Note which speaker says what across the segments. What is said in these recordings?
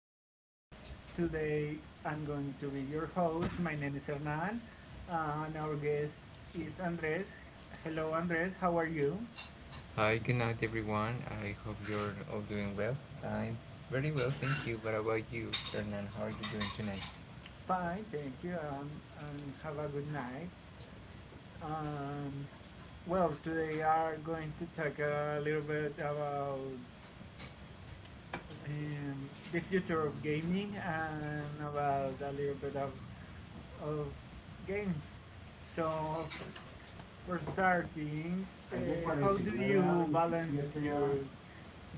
Speaker 1: podcast. Today, I'm going to be your host. My name is Hernan, and our guest is Andres. Hello, Andres. How are you?
Speaker 2: Hi, good night, everyone. I hope you're all doing well. I'm very well, thank you. What about you, Hernan? How are you doing tonight?
Speaker 1: Fine, thank you. And have a good night. Um, well, today are going to talk a little bit about the future of gaming and about a little bit of of games. So for starting, how do you balance your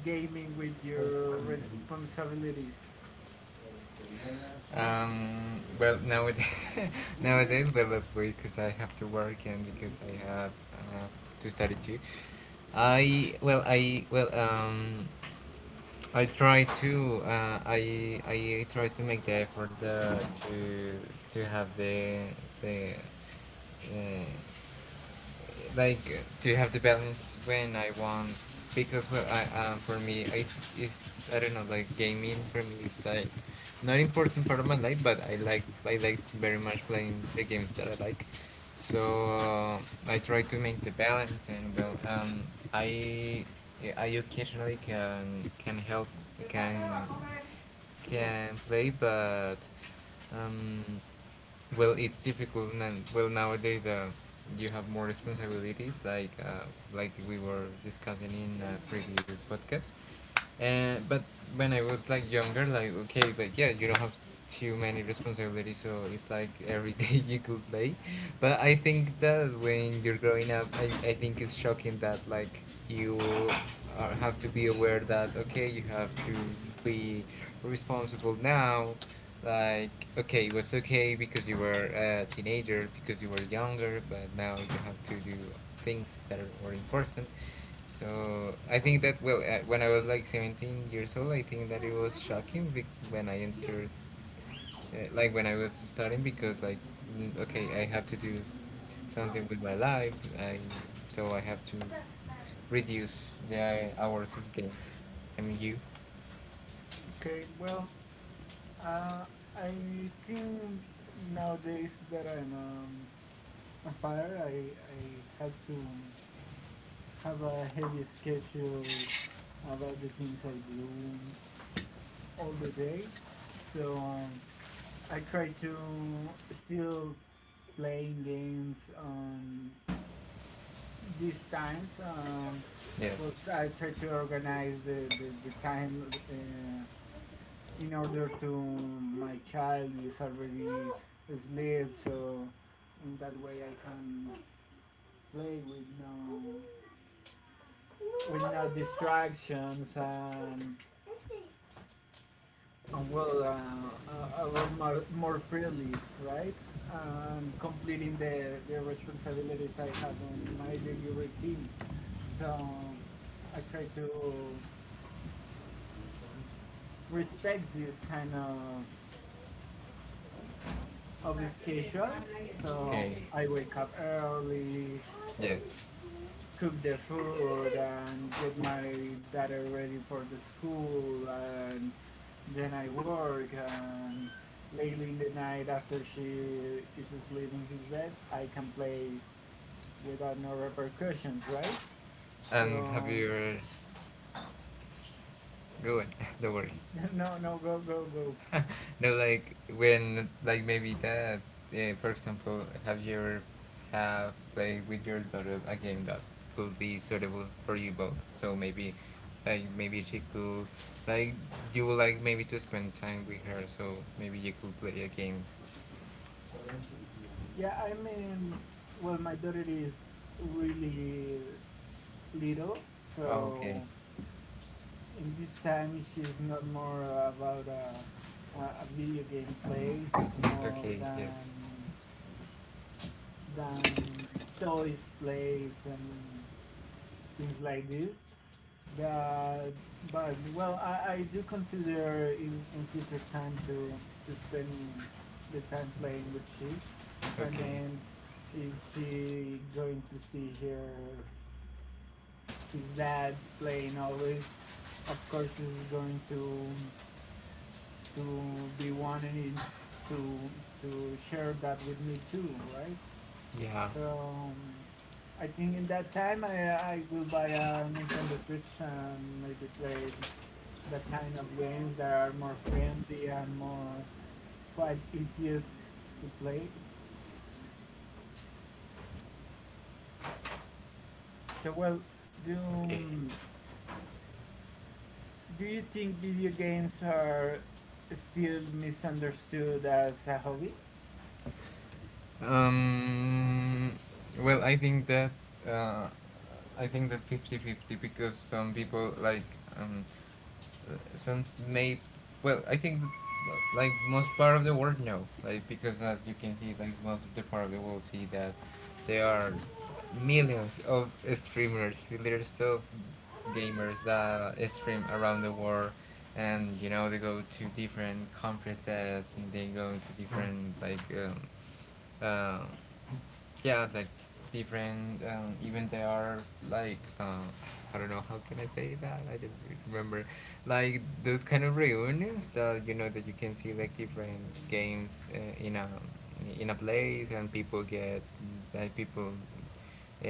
Speaker 1: gaming with your responsibilities?
Speaker 2: Well, nowadays, nowadays, well, that way because I have to work and because I have uh, to study too. I well, I well, um, I try to I try to make the effort to to have the uh, like to have the balance when I want. Because, well, I, for me it is, I don't know, like, gaming for me is like not important part of my life, but I like very much playing the games that I like. So, uh, I try to make the balance, and, well, I I occasionally can help, can can play, but, um well, it's difficult now, well, nowadays, you have more responsibilities, like, like we were discussing in previous podcast. And but when I was like younger, like, okay, like, yeah, you don't have too many responsibilities, so it's like every day you could play. But I think that when you're growing up, I think it's shocking that like you are, have to be aware that okay, you have to be responsible now. Like, okay, it was okay because you were a teenager, because you were younger, but now you have to do things that are more important, so I think that, well, when I was like 17 years old, I think that it was shocking when I entered, like when I was starting because, like, mm, okay, I have to do something with my life. I, so I have to reduce the hours of game. I mean you,
Speaker 1: Okay, well, uh, I think nowadays that I'm a father, I have to have a heavy schedule about the things I do all the day. So I try to still playing games on these times. Well,
Speaker 2: yes,
Speaker 1: I try to organize the time in order to my child is already asleep, so in that way I can play with no distractions and well a lot more, more freely, right? And completing the responsibilities I have on my daily routine. So I try to respect this kind of the schedule. So
Speaker 2: okay,
Speaker 1: I wake up early,
Speaker 2: yes.
Speaker 1: cook the food, and get my daughter ready for the school, and then I work. And lately in the night, after she is asleep in his bed, I can play without no repercussions, right?
Speaker 2: And have
Speaker 1: So
Speaker 2: your, go on, don't worry.
Speaker 1: no, no, go, go, go.
Speaker 2: No, like when, like maybe that, for example, have you ever have played with your daughter a game that could be suitable for you both? So maybe, like maybe she could, like you would like maybe to spend time with her, so maybe you could play a game.
Speaker 1: Yeah, I mean, well, my daughter is really little,
Speaker 2: Oh, okay.
Speaker 1: so and this time she's not more about a video game place. It's more
Speaker 2: Okay, yes.
Speaker 1: than than toys place and things like this. But well, I do consider in future time to spend the time playing with she. I
Speaker 2: Okay.
Speaker 1: mean, if she going to see her his dad playing always, of course she's going to be wanting to share that with me too, right?
Speaker 2: Yeah.
Speaker 1: So I think in that time I will buy a Nintendo Switch and maybe play that kind of games that are more friendly and more quite easiest to play. So well, do
Speaker 2: Okay.
Speaker 1: do you think video games are still misunderstood as a hobby?
Speaker 2: Um, well, uh, I think that fifty fifty, because some people like, um, some may, well I think that, like most part of the world, no, like because as you can see like most of the part of the world see that there are millions of streamers, millions of gamers that stream around the world, and you know they go to different conferences and they go to different, like, uh, yeah, like different. Even they are, like, I don't know how can I say that, I don't really remember, like those kind of reunions that you know that you can see, like different games in a place and people get, like people, uh,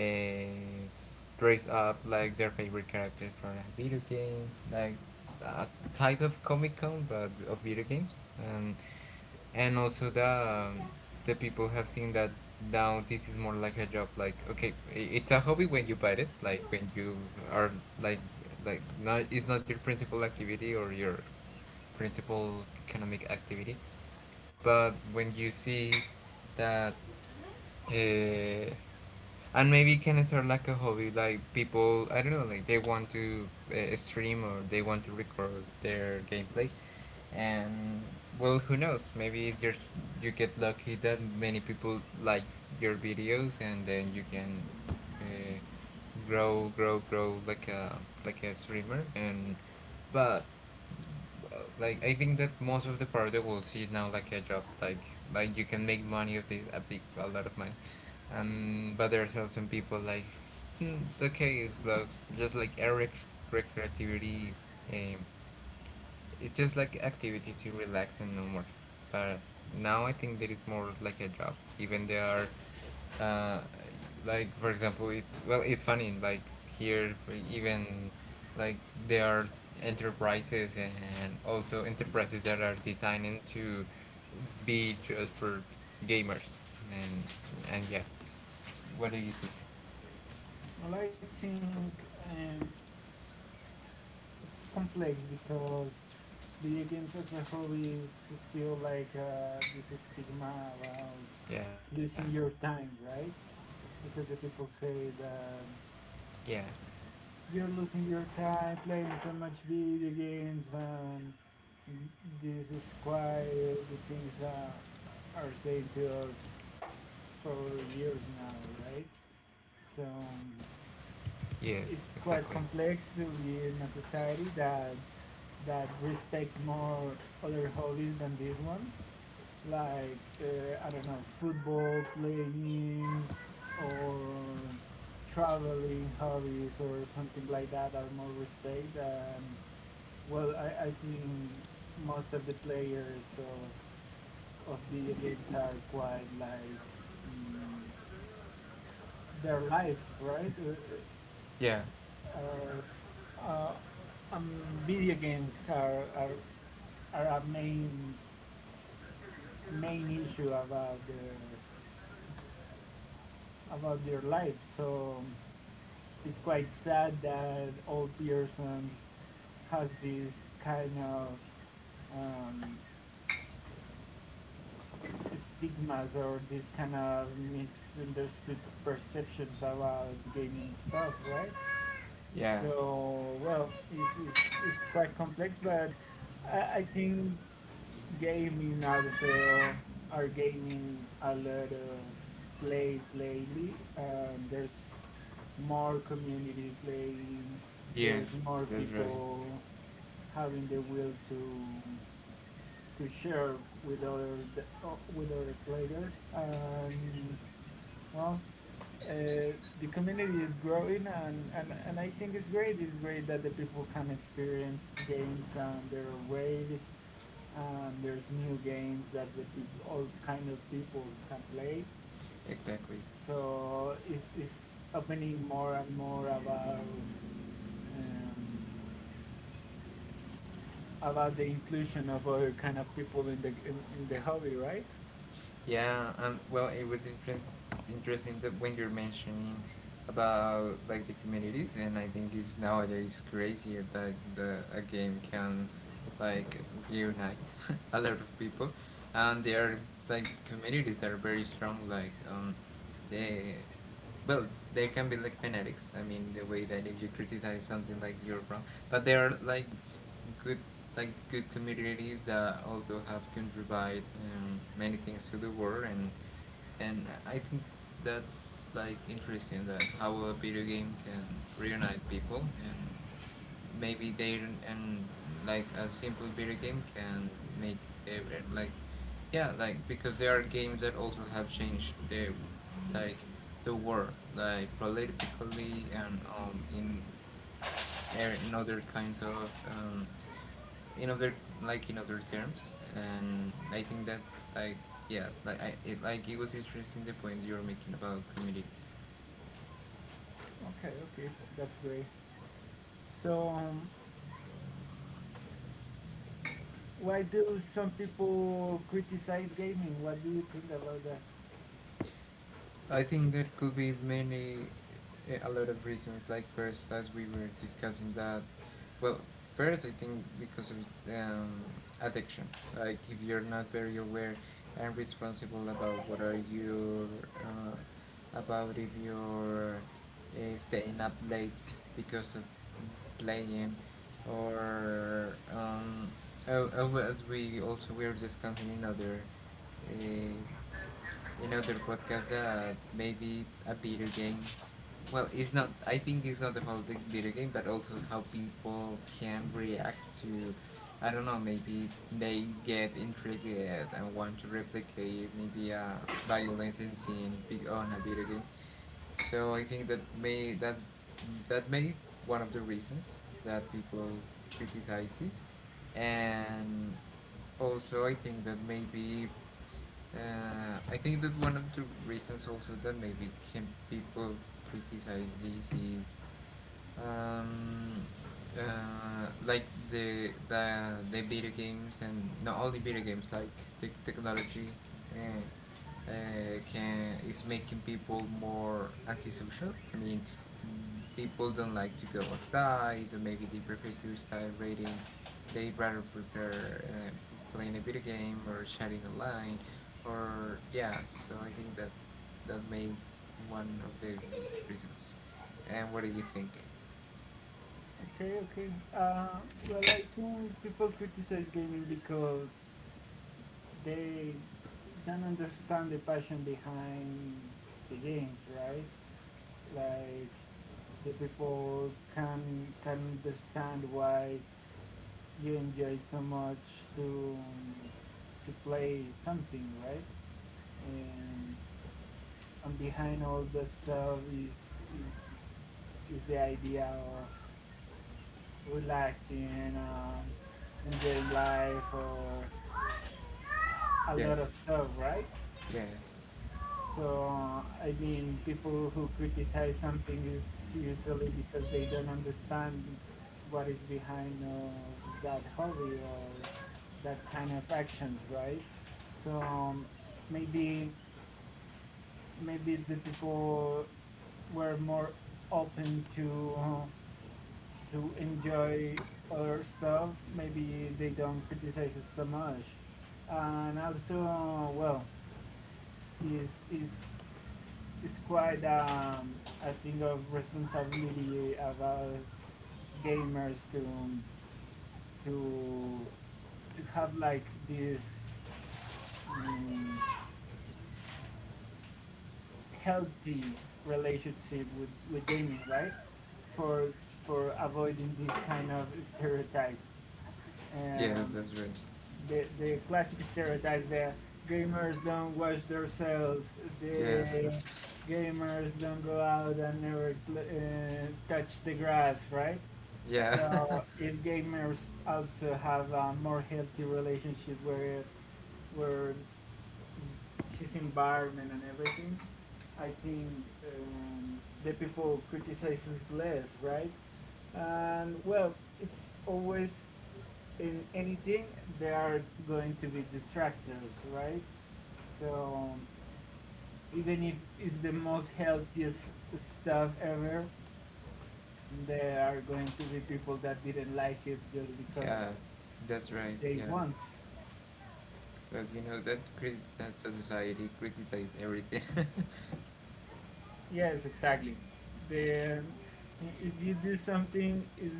Speaker 2: dress up like their favorite characters from a video game, like a type of Comic Con but of video games. And also the, um, the people have seen that now this is more like a job, like okay it's a hobby when you buy it, like when you are, like like not, it's not your principal activity or your principal economic activity. But when you see that, uh, and maybe it can start like a hobby, like people, I don't know, like they want to stream or they want to record their gameplay, and, well, who knows, maybe it's just you get lucky that many people likes your videos, and then you can uh, grow grow grow like a streamer. And but like I think that most of the part they will see it now like a job, like you can make money of this, a big, a lot of money. And but there are some people like, mm, okay, it's like just like a recreativity, um it's just like activity to relax and no more. But now I think there is more like a job. Even there are, uh, like for example, it's, well, it's funny. Like here, even, like there are enterprises and also enterprises that are designing to be just for gamers. And and yeah, what do you think?
Speaker 1: Well, I think um, it's complex because video games as a hobby is still like this stigma about
Speaker 2: Yeah,
Speaker 1: losing your time, right? Because the people say
Speaker 2: yeah,
Speaker 1: that you're losing your time playing so much video games, and this is quite the things are saying to us for years now, right? So
Speaker 2: yes, exactly.
Speaker 1: it's quite complex to be in a society that respect more other hobbies than these ones like I don't know football playing or traveling hobbies or something like that are more respect and well I think most of the players of video games are quite like mm, their lives, right?
Speaker 2: Yeah,
Speaker 1: Uh, are uh, um, video games are a main issue about their lives, so it's quite sad that old persons has this kind of um, stigmas or this kind of misunderstood perceptions about gaming stuff, right?
Speaker 2: yeah.
Speaker 1: So well, it's quite complex, but I think gaming also are gaining a lot of plays lately. There's more community playing. There's
Speaker 2: Yes,
Speaker 1: more
Speaker 2: that's right.
Speaker 1: people having the will to share with other players. Well, uh, the community is growing, and I think it's great. It's great that the people can experience games and their ways. And there's new games that all kind of people can play.
Speaker 2: Exactly.
Speaker 1: So it's opening more and more about the inclusion of other kind of people in the hobby, right?
Speaker 2: Yeah, and well, it was interesting that when you're mentioning about, like, the communities. And I think it's nowadays crazy that the a game can, like, reunite a lot of people, and there are like communities that are very strong. Like, they, well, they can be like fanatics. I mean, the way that if you criticize something, like you're wrong. But they are, like good, like good communities that also have contributed many things to the world. And I think that's, like interesting that how a video game can reunite people. And maybe they, and like a simple video game can make every, like, yeah, like because there are games that also have changed the, like the war, like politically, and in in other kinds of in other, like in other terms. And I think that, like, yeah, like I, it, like it was interesting the point you were making about communities.
Speaker 1: Okay, okay, that's great. So, why do some people criticize gaming? What do you think about that?
Speaker 2: I think there could be many, eh, a lot of reasons. Like first, as we were discussing that, well, first I think because of um, addiction. Like if you're not very aware and responsible about what are your, uh, about if you're staying up late because of playing, or, oh, oh, as we also we were discussing uh, in other podcasts, maybe a video game. Well, it's not. I think it's not about the video game, but also how people can react to. I don't know. Maybe they get intrigued and want to replicate maybe a violence and scene big on a video game. So I think that, may that, that may one of the reasons that people criticize this. And also I think that maybe, I think that one of the reasons also that maybe can people criticize this is, um, like the video games, and not only video games, like the technology, uh, uh, can is making people more antisocial. I mean, people don't like to go outside. Or maybe they prefer to start reading. They rather prefer playing a video game or chatting online, or yeah. So I think that, that may one of the reasons. And what do you think?
Speaker 1: Okay, okay. Well, I think people criticize gaming because they don't understand the passion behind the games, right? Like the people can understand why you enjoy so much to play something, right? And and behind all the stuff is, is the idea of relaxing and enjoying life or a lot
Speaker 2: Yes.
Speaker 1: of stuff, right?
Speaker 2: Yes.
Speaker 1: So, I mean, people who criticize something is usually because they don't understand what is behind of that hobby or that kind of actions, right? So, maybe the people were more open to enjoy other stuff. Maybe they don't criticize us so much, and also, well, is it's quite a thing of responsibility about gamers to have like this um, healthy relationship with gaming, right? For avoiding these kind of stereotypes.
Speaker 2: Yes,
Speaker 1: Um,
Speaker 2: that's right.
Speaker 1: the classic stereotypes that gamers don't wash themselves.
Speaker 2: Yes.
Speaker 1: The gamers don't go out and never touch the grass, right?
Speaker 2: Yeah.
Speaker 1: So if gamers also have a more healthy relationship where where his environment and everything, I think the people criticizes less, right? And well, it's always in anything there are going to be detractors, right? So even if it's the most healthiest stuff ever, there are going to be people that didn't like it just because
Speaker 2: Yeah. That's right.
Speaker 1: they
Speaker 2: Yeah.
Speaker 1: want.
Speaker 2: Because you know that crit that society criticizes everything.
Speaker 1: Yes, exactly. The If you do something, is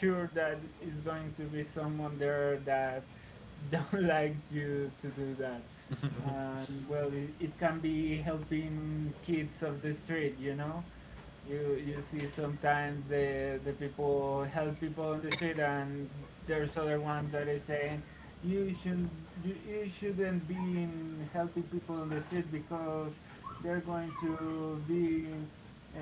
Speaker 1: sure that is going to be someone there that don't like you to do that. And well, it can be helping kids of the street, you know. You see sometimes the people help people on the street, and there's other one that is saying you should you shouldn't be in helping people on the street because they're going to be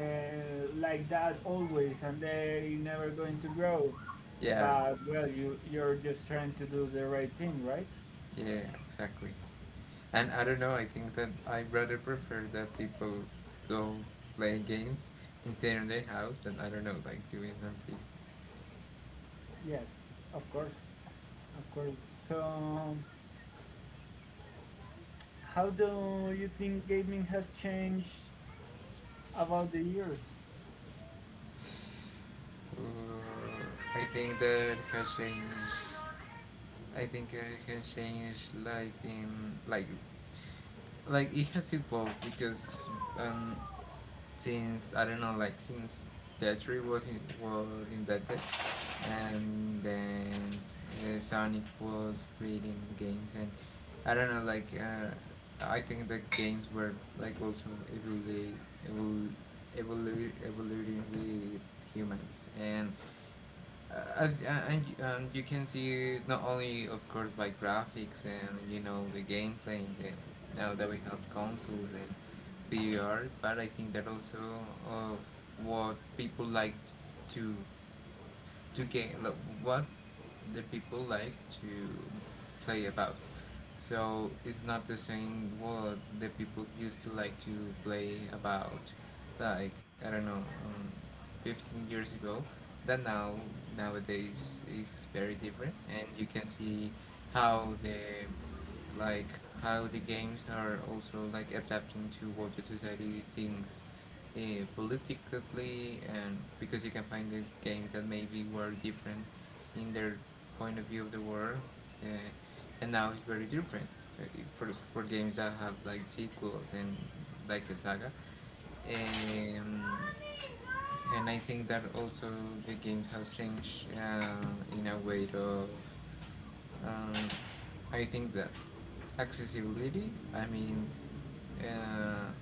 Speaker 1: like that always, and they never going to grow.
Speaker 2: Yeah.
Speaker 1: But well, you're just trying to do the right thing, right?
Speaker 2: Yeah, exactly. And I don't know, I think that I rather prefer that people go play games instead of their house than, I don't know, like doing something.
Speaker 1: Yes, of course, of course. So, how do you think gaming has changed about the years.
Speaker 2: Uh, I think that can change. I think it can change, like in like, like it has evolved because um since I don't know, like since Tetris was in, was invented, and then Sonic was creating games. And I don't know, like, I think the games were like also evolving, evol evoluting with humans, and, you can see not only of course by graphics and you know the gameplay, then now that we have consoles and VR. But I think that also of what people like to to game, like what the people like to play about. So it's not the same what the people used to like to play about, like, I don't know, 15 years ago, that now nowadays is very different. And you can see how the, like how the games are also like adapting to what the society thinks, uh, politically. And because you can find the games that maybe were different in their point of view of the world, uh, and now it's very different, uh, for games that have like sequels and like a saga. um, and I think that also the games has changed, in a way of, um, I think that accessibility. Uh,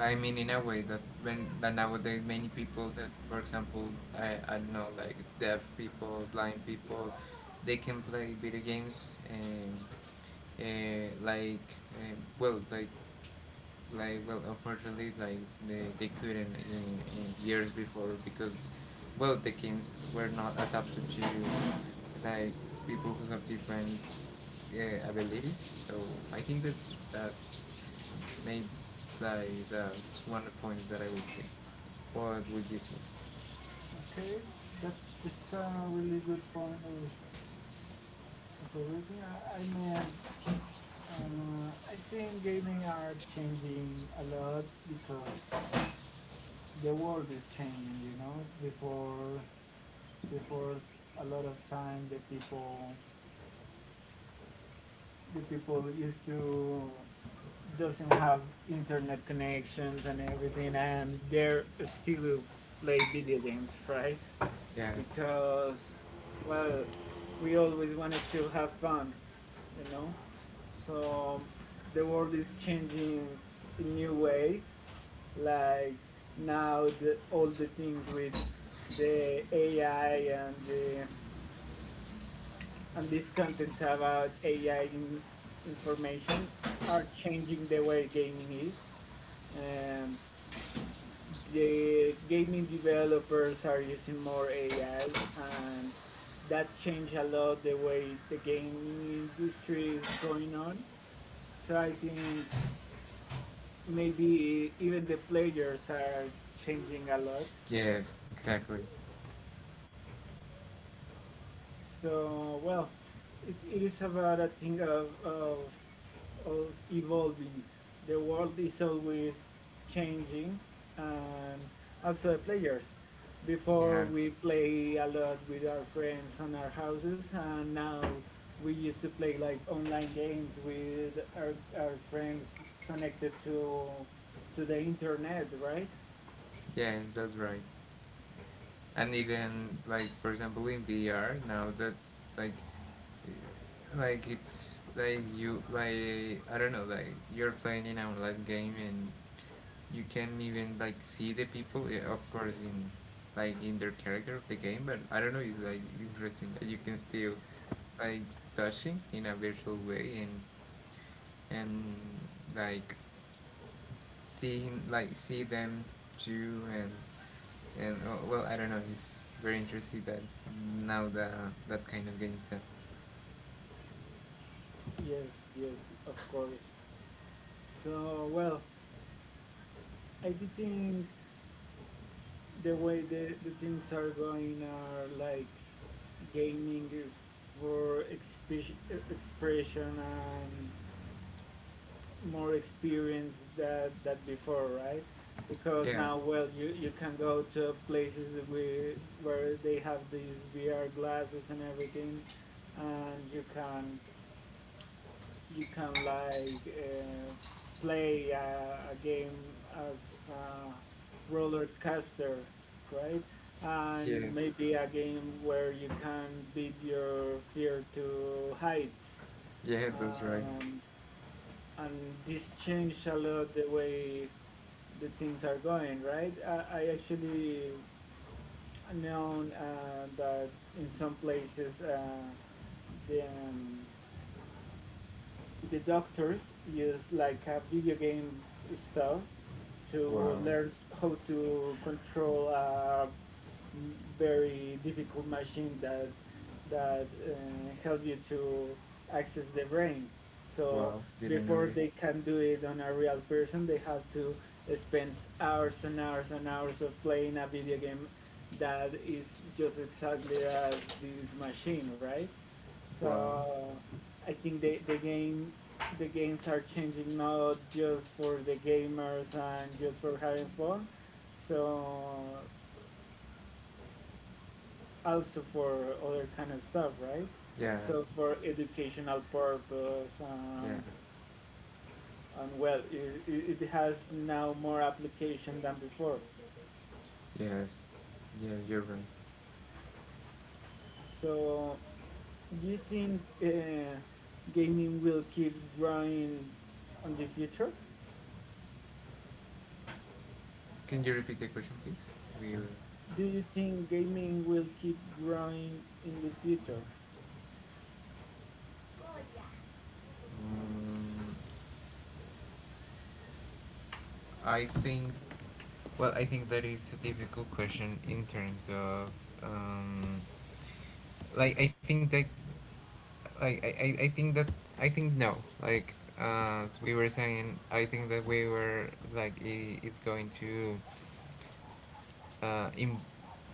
Speaker 2: I mean in a way that when that nowadays many people that, for example, I don't know, like, deaf people, blind people, they can play video games and uh, like um well like unfortunately, they couldn't in years before because, well, the games were not adapted to, like, people who have different abilities. So I think that's maybe, like, that's one of the points that I would say. What would you say?
Speaker 1: Okay, that's a really good point of everything. I mean, I think gaming are changing a lot because the world is changing. You know, before before a lot of time the people used to doesn't have internet connections and everything, and they're still play video games, right?
Speaker 2: Yeah.
Speaker 1: Because, well, we always wanted to have fun, you know? So the world is changing in new ways, like now all the things with the AI and these contents about AI in, information are changing the way gaming is. And the gaming developers are using more AI, and that changed a lot the way the gaming industry is going on. So I think maybe even the players are changing a lot.
Speaker 2: Yes, exactly.
Speaker 1: So well, it is about a thing of evolving. The world is always changing, and also the players. Before
Speaker 2: Yeah.
Speaker 1: we play a lot with our friends on our houses, and now we used to play like online games with our friends connected to the internet, right?
Speaker 2: Yeah, that's right. And even, like, for example, in VR now that, like like it's like you like I don't know, like, you're playing in an online game and you can even, like, see the people, yeah, of course, in, like, in their character of the game, but I don't know, it's like interesting that you can still, like, touching in a virtual way and and like seeing, like, see them too. And oh, well, I don't know. He's very interested that now the that kind of games that.
Speaker 1: Yes, yes, of course. So well, I do think the way the things are going are like gaming is for expression and more experience that before, right? Because
Speaker 2: Yeah.
Speaker 1: now, well, you can go to places where they have these VR glasses and everything, and you can like play a game as a roller coaster, right? And
Speaker 2: Yes.
Speaker 1: maybe a game where you can beat your fear to heights.
Speaker 2: Yeah, that's right.
Speaker 1: Um, and this changed a lot the way the things are going, right? I actually known that in some places the um, the doctors use like a video game stuff to
Speaker 2: Wow.
Speaker 1: learn how to control a very difficult machine that help you to access the brain. So
Speaker 2: Wow. Didn't know
Speaker 1: before
Speaker 2: it.
Speaker 1: they can do it on a real person, they have to spend hours and hours and hours of playing a video game that is just exactly as this machine, right?
Speaker 2: Wow.
Speaker 1: So I think the games are changing not just for the gamers and just for having fun. So also for other kind of stuff, right?
Speaker 2: Yeah.
Speaker 1: So for educational purpose
Speaker 2: Yeah.
Speaker 1: and well, it has now more application than before.
Speaker 2: Yes. Yeah, you're right.
Speaker 1: So do you think gaming will keep growing on the future?
Speaker 2: Can you repeat the question, please? We'll.
Speaker 1: Do you think gaming will keep growing in the future?
Speaker 2: Um, I think, well, I think that is a difficult question in terms of, um, like, I think that, like, I think that, I think no. Like, as we were saying, I think that we were, like, I it's going to, uh, in,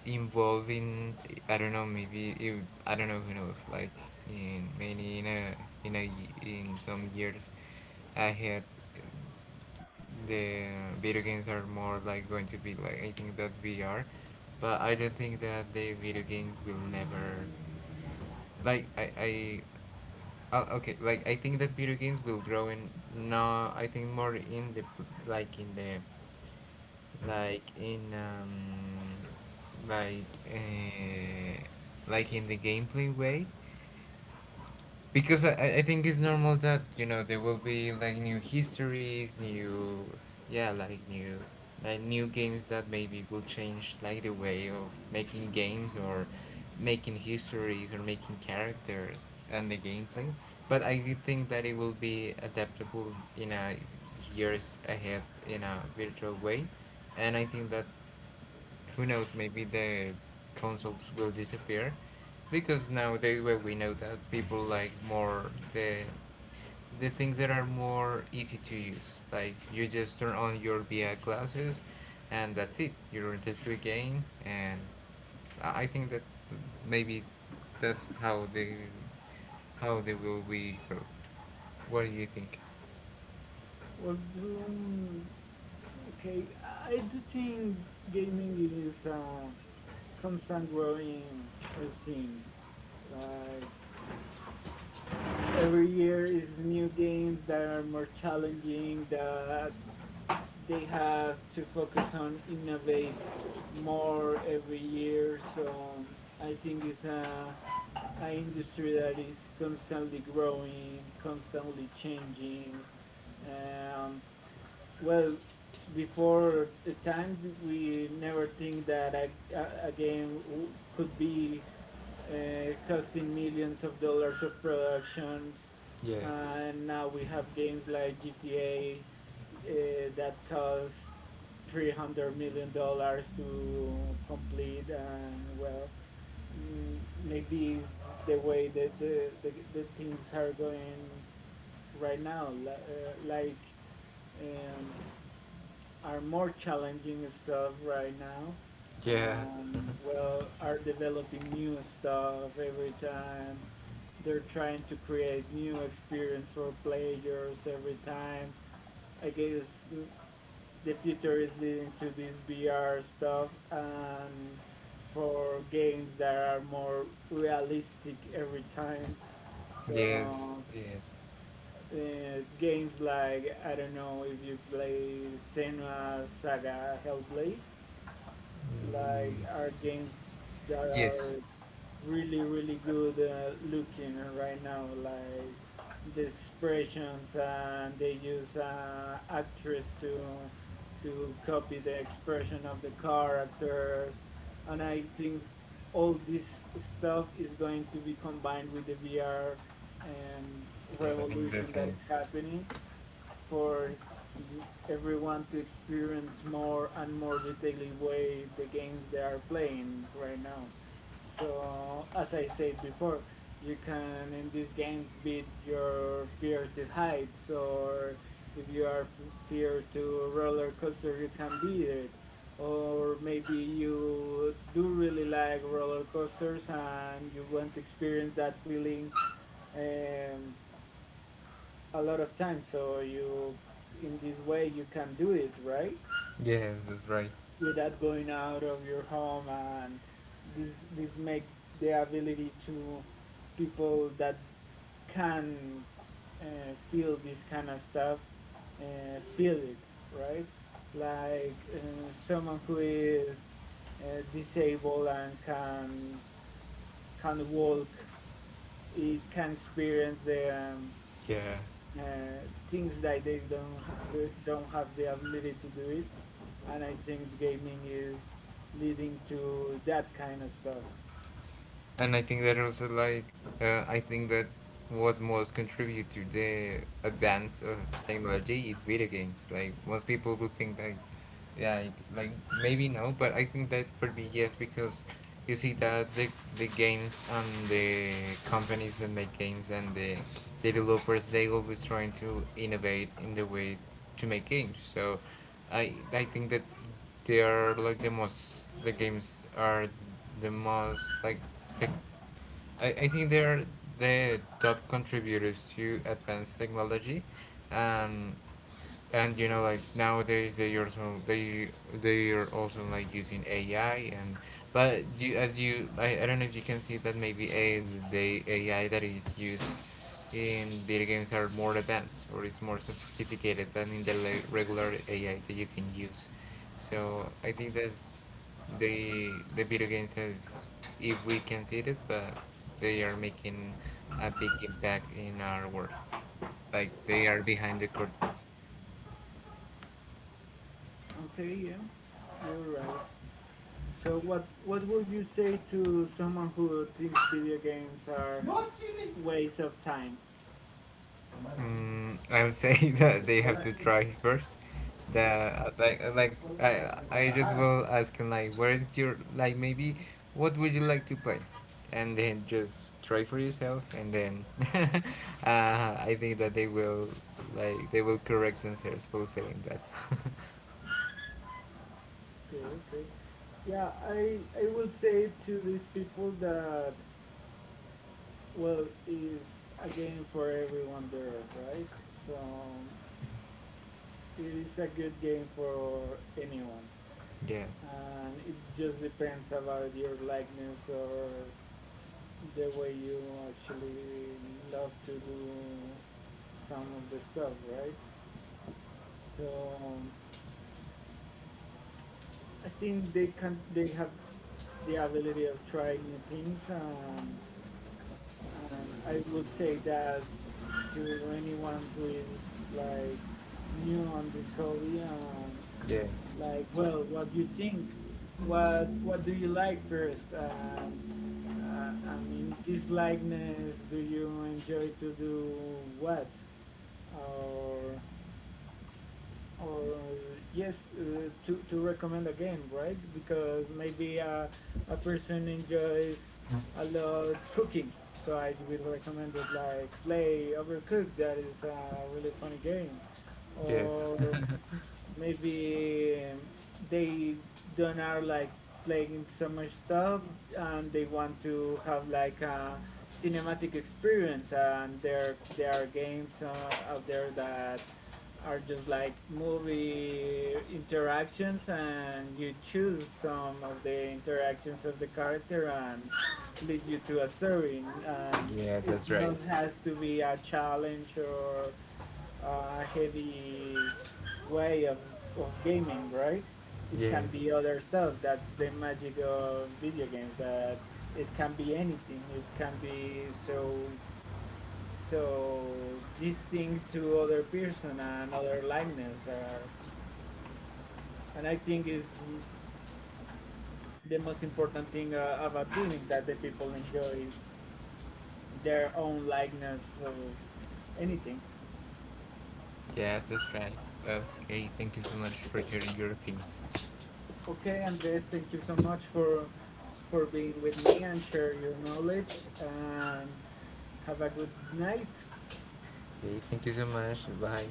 Speaker 2: involving. I don't know, maybe you, I don't know, who knows, like, in maybe in a in a in some years ahead, the video games are more like going to be, like, I think that VR. But I don't think that the video games will never, like I okay, like, I think that video games will grow in, no, I think more in the, like, in the, like in um, like uh, like in the gameplay way. Because I think it's normal that, you know, there will be like new histories, new, yeah, like new, like new games that maybe will change, like, the way of making games or making histories or making characters and the gameplay. But I do think that it will be adaptable in a years ahead in a virtual way. And I think that, who knows, maybe the consoles will disappear, because nowadays, well, we know that people like more the things that are more easy to use. Like, you just turn on your VR glasses and that's it. You're into a game. And I think that maybe that's how they will be grow. What do you think?
Speaker 1: Well, um, okay, I do think gaming is a constant growing thing. Like every year is new games that are more challenging that they have to focus on innovate more every year. So I think it's a industry that is constantly growing, constantly changing. Um, well, before the times we never think that game could be costing millions of dollars of productions. And now we have games like GTA uh, that cost $300 million to complete. And well, mm, maybe it's the way that the things are going right now. Like, um, are more challenging stuff right now,
Speaker 2: Yeah.
Speaker 1: well are developing new stuff every time they're trying to create new experience for players every time. I guess the future is leading to this VR stuff and for games that are more realistic every time.
Speaker 2: Yes,
Speaker 1: So
Speaker 2: yes.
Speaker 1: uh, games like I don't know if you play Senua Saga Hellblade,
Speaker 2: Mm,
Speaker 1: like are games that
Speaker 2: yes.
Speaker 1: are really really good looking right now, like the expressions and they use actress to copy the expression of the characters, and I think all this stuff is going to be combined with the VR um,
Speaker 2: Yeah, I think the
Speaker 1: revolution that is
Speaker 2: same.
Speaker 1: happening for everyone to experience more and more detailedly way the games they are playing right now. So as I said before, you can in these games beat your fear to heights, or if you are fear to roller coaster you can beat it, or maybe you do really like roller coasters and you want to experience that feeling um, a lot of time so you in this way you can do it, right,
Speaker 2: Yes, that's right.
Speaker 1: without going out of your home. And this make the ability to people that can uh, feel this kind of stuff feel it, right, like someone who is disabled and can walk, it can experience the
Speaker 2: Yeah.
Speaker 1: uh, things that they don't ha- do- don't have the ability to do it, and I think gaming is leading to that kind of stuff.
Speaker 2: And I think that also, like, I think that what most contribute to the advance of technology is video games. Like, most people would think that, yeah, like maybe no, but I think that for me yes, because you see that the games and the companies that make games and the developers, they always trying to innovate in the way to make games. So I think that they are like the most, the games are the most like tech, I think they're the top contributors to advanced technology. And you know, like, nowadays they also they are also, like, using AI. And but you, as you, I don't know if you can see that, maybe a, the AI that is used in video games are more advanced or is more sophisticated than in the regular AI that you can use. So I think that's the video games has, if we can see it, but they are making a big impact in our world. Like, they are behind the curtains.
Speaker 1: Okay, yeah, you're right. So what would you say to someone who thinks video games are waste of time?
Speaker 2: Mm, I would say that they have to try first. The like I just will ask him like, where is your, like, maybe what would you like to play, and then just try for yourself. And then uh, I think that they will, like, they will correct themselves for saying that.
Speaker 1: Okay, okay. Yeah, I will say to these people that well is a game for everyone there, right? So it is a good game for anyone.
Speaker 2: Yes,
Speaker 1: And it just depends about your likeness or the way you actually love to do some of the stuff, right? So I think they have the ability of trying new things, and I would say that to anyone who is like new on this hobby and
Speaker 2: yes,
Speaker 1: like well what do you think, what do you like first? I mean, this likeness, do you enjoy to do what? Or, or yes, to recommend a game, right? Because maybe a person enjoys a lot cooking. So I will recommend it like play Overcooked, that is a really funny game.
Speaker 2: yes.
Speaker 1: Or maybe they don't are like playing so much stuff and they want to have like a cinematic experience, and there are games out there that are just like movie interactions and you choose some of the interactions of the character and leads you to a story, and
Speaker 2: Yeah,
Speaker 1: it
Speaker 2: that's right.
Speaker 1: not has to be a challenge or heavy way of gaming, right? It can be
Speaker 2: Yes,
Speaker 1: other stuff. That's the magic of video games. That it can be anything. It can be so distinct to other person and other likeness. And I think is the most important thing about gaming that the people enjoy their own likeness of anything.
Speaker 2: yeah, that's right. Okay, thank you so much for sharing your opinions.
Speaker 1: Okay, Andres, thank you so much for being with me and share your knowledge. And have a good night.
Speaker 2: Okay, thank you so much. Bye.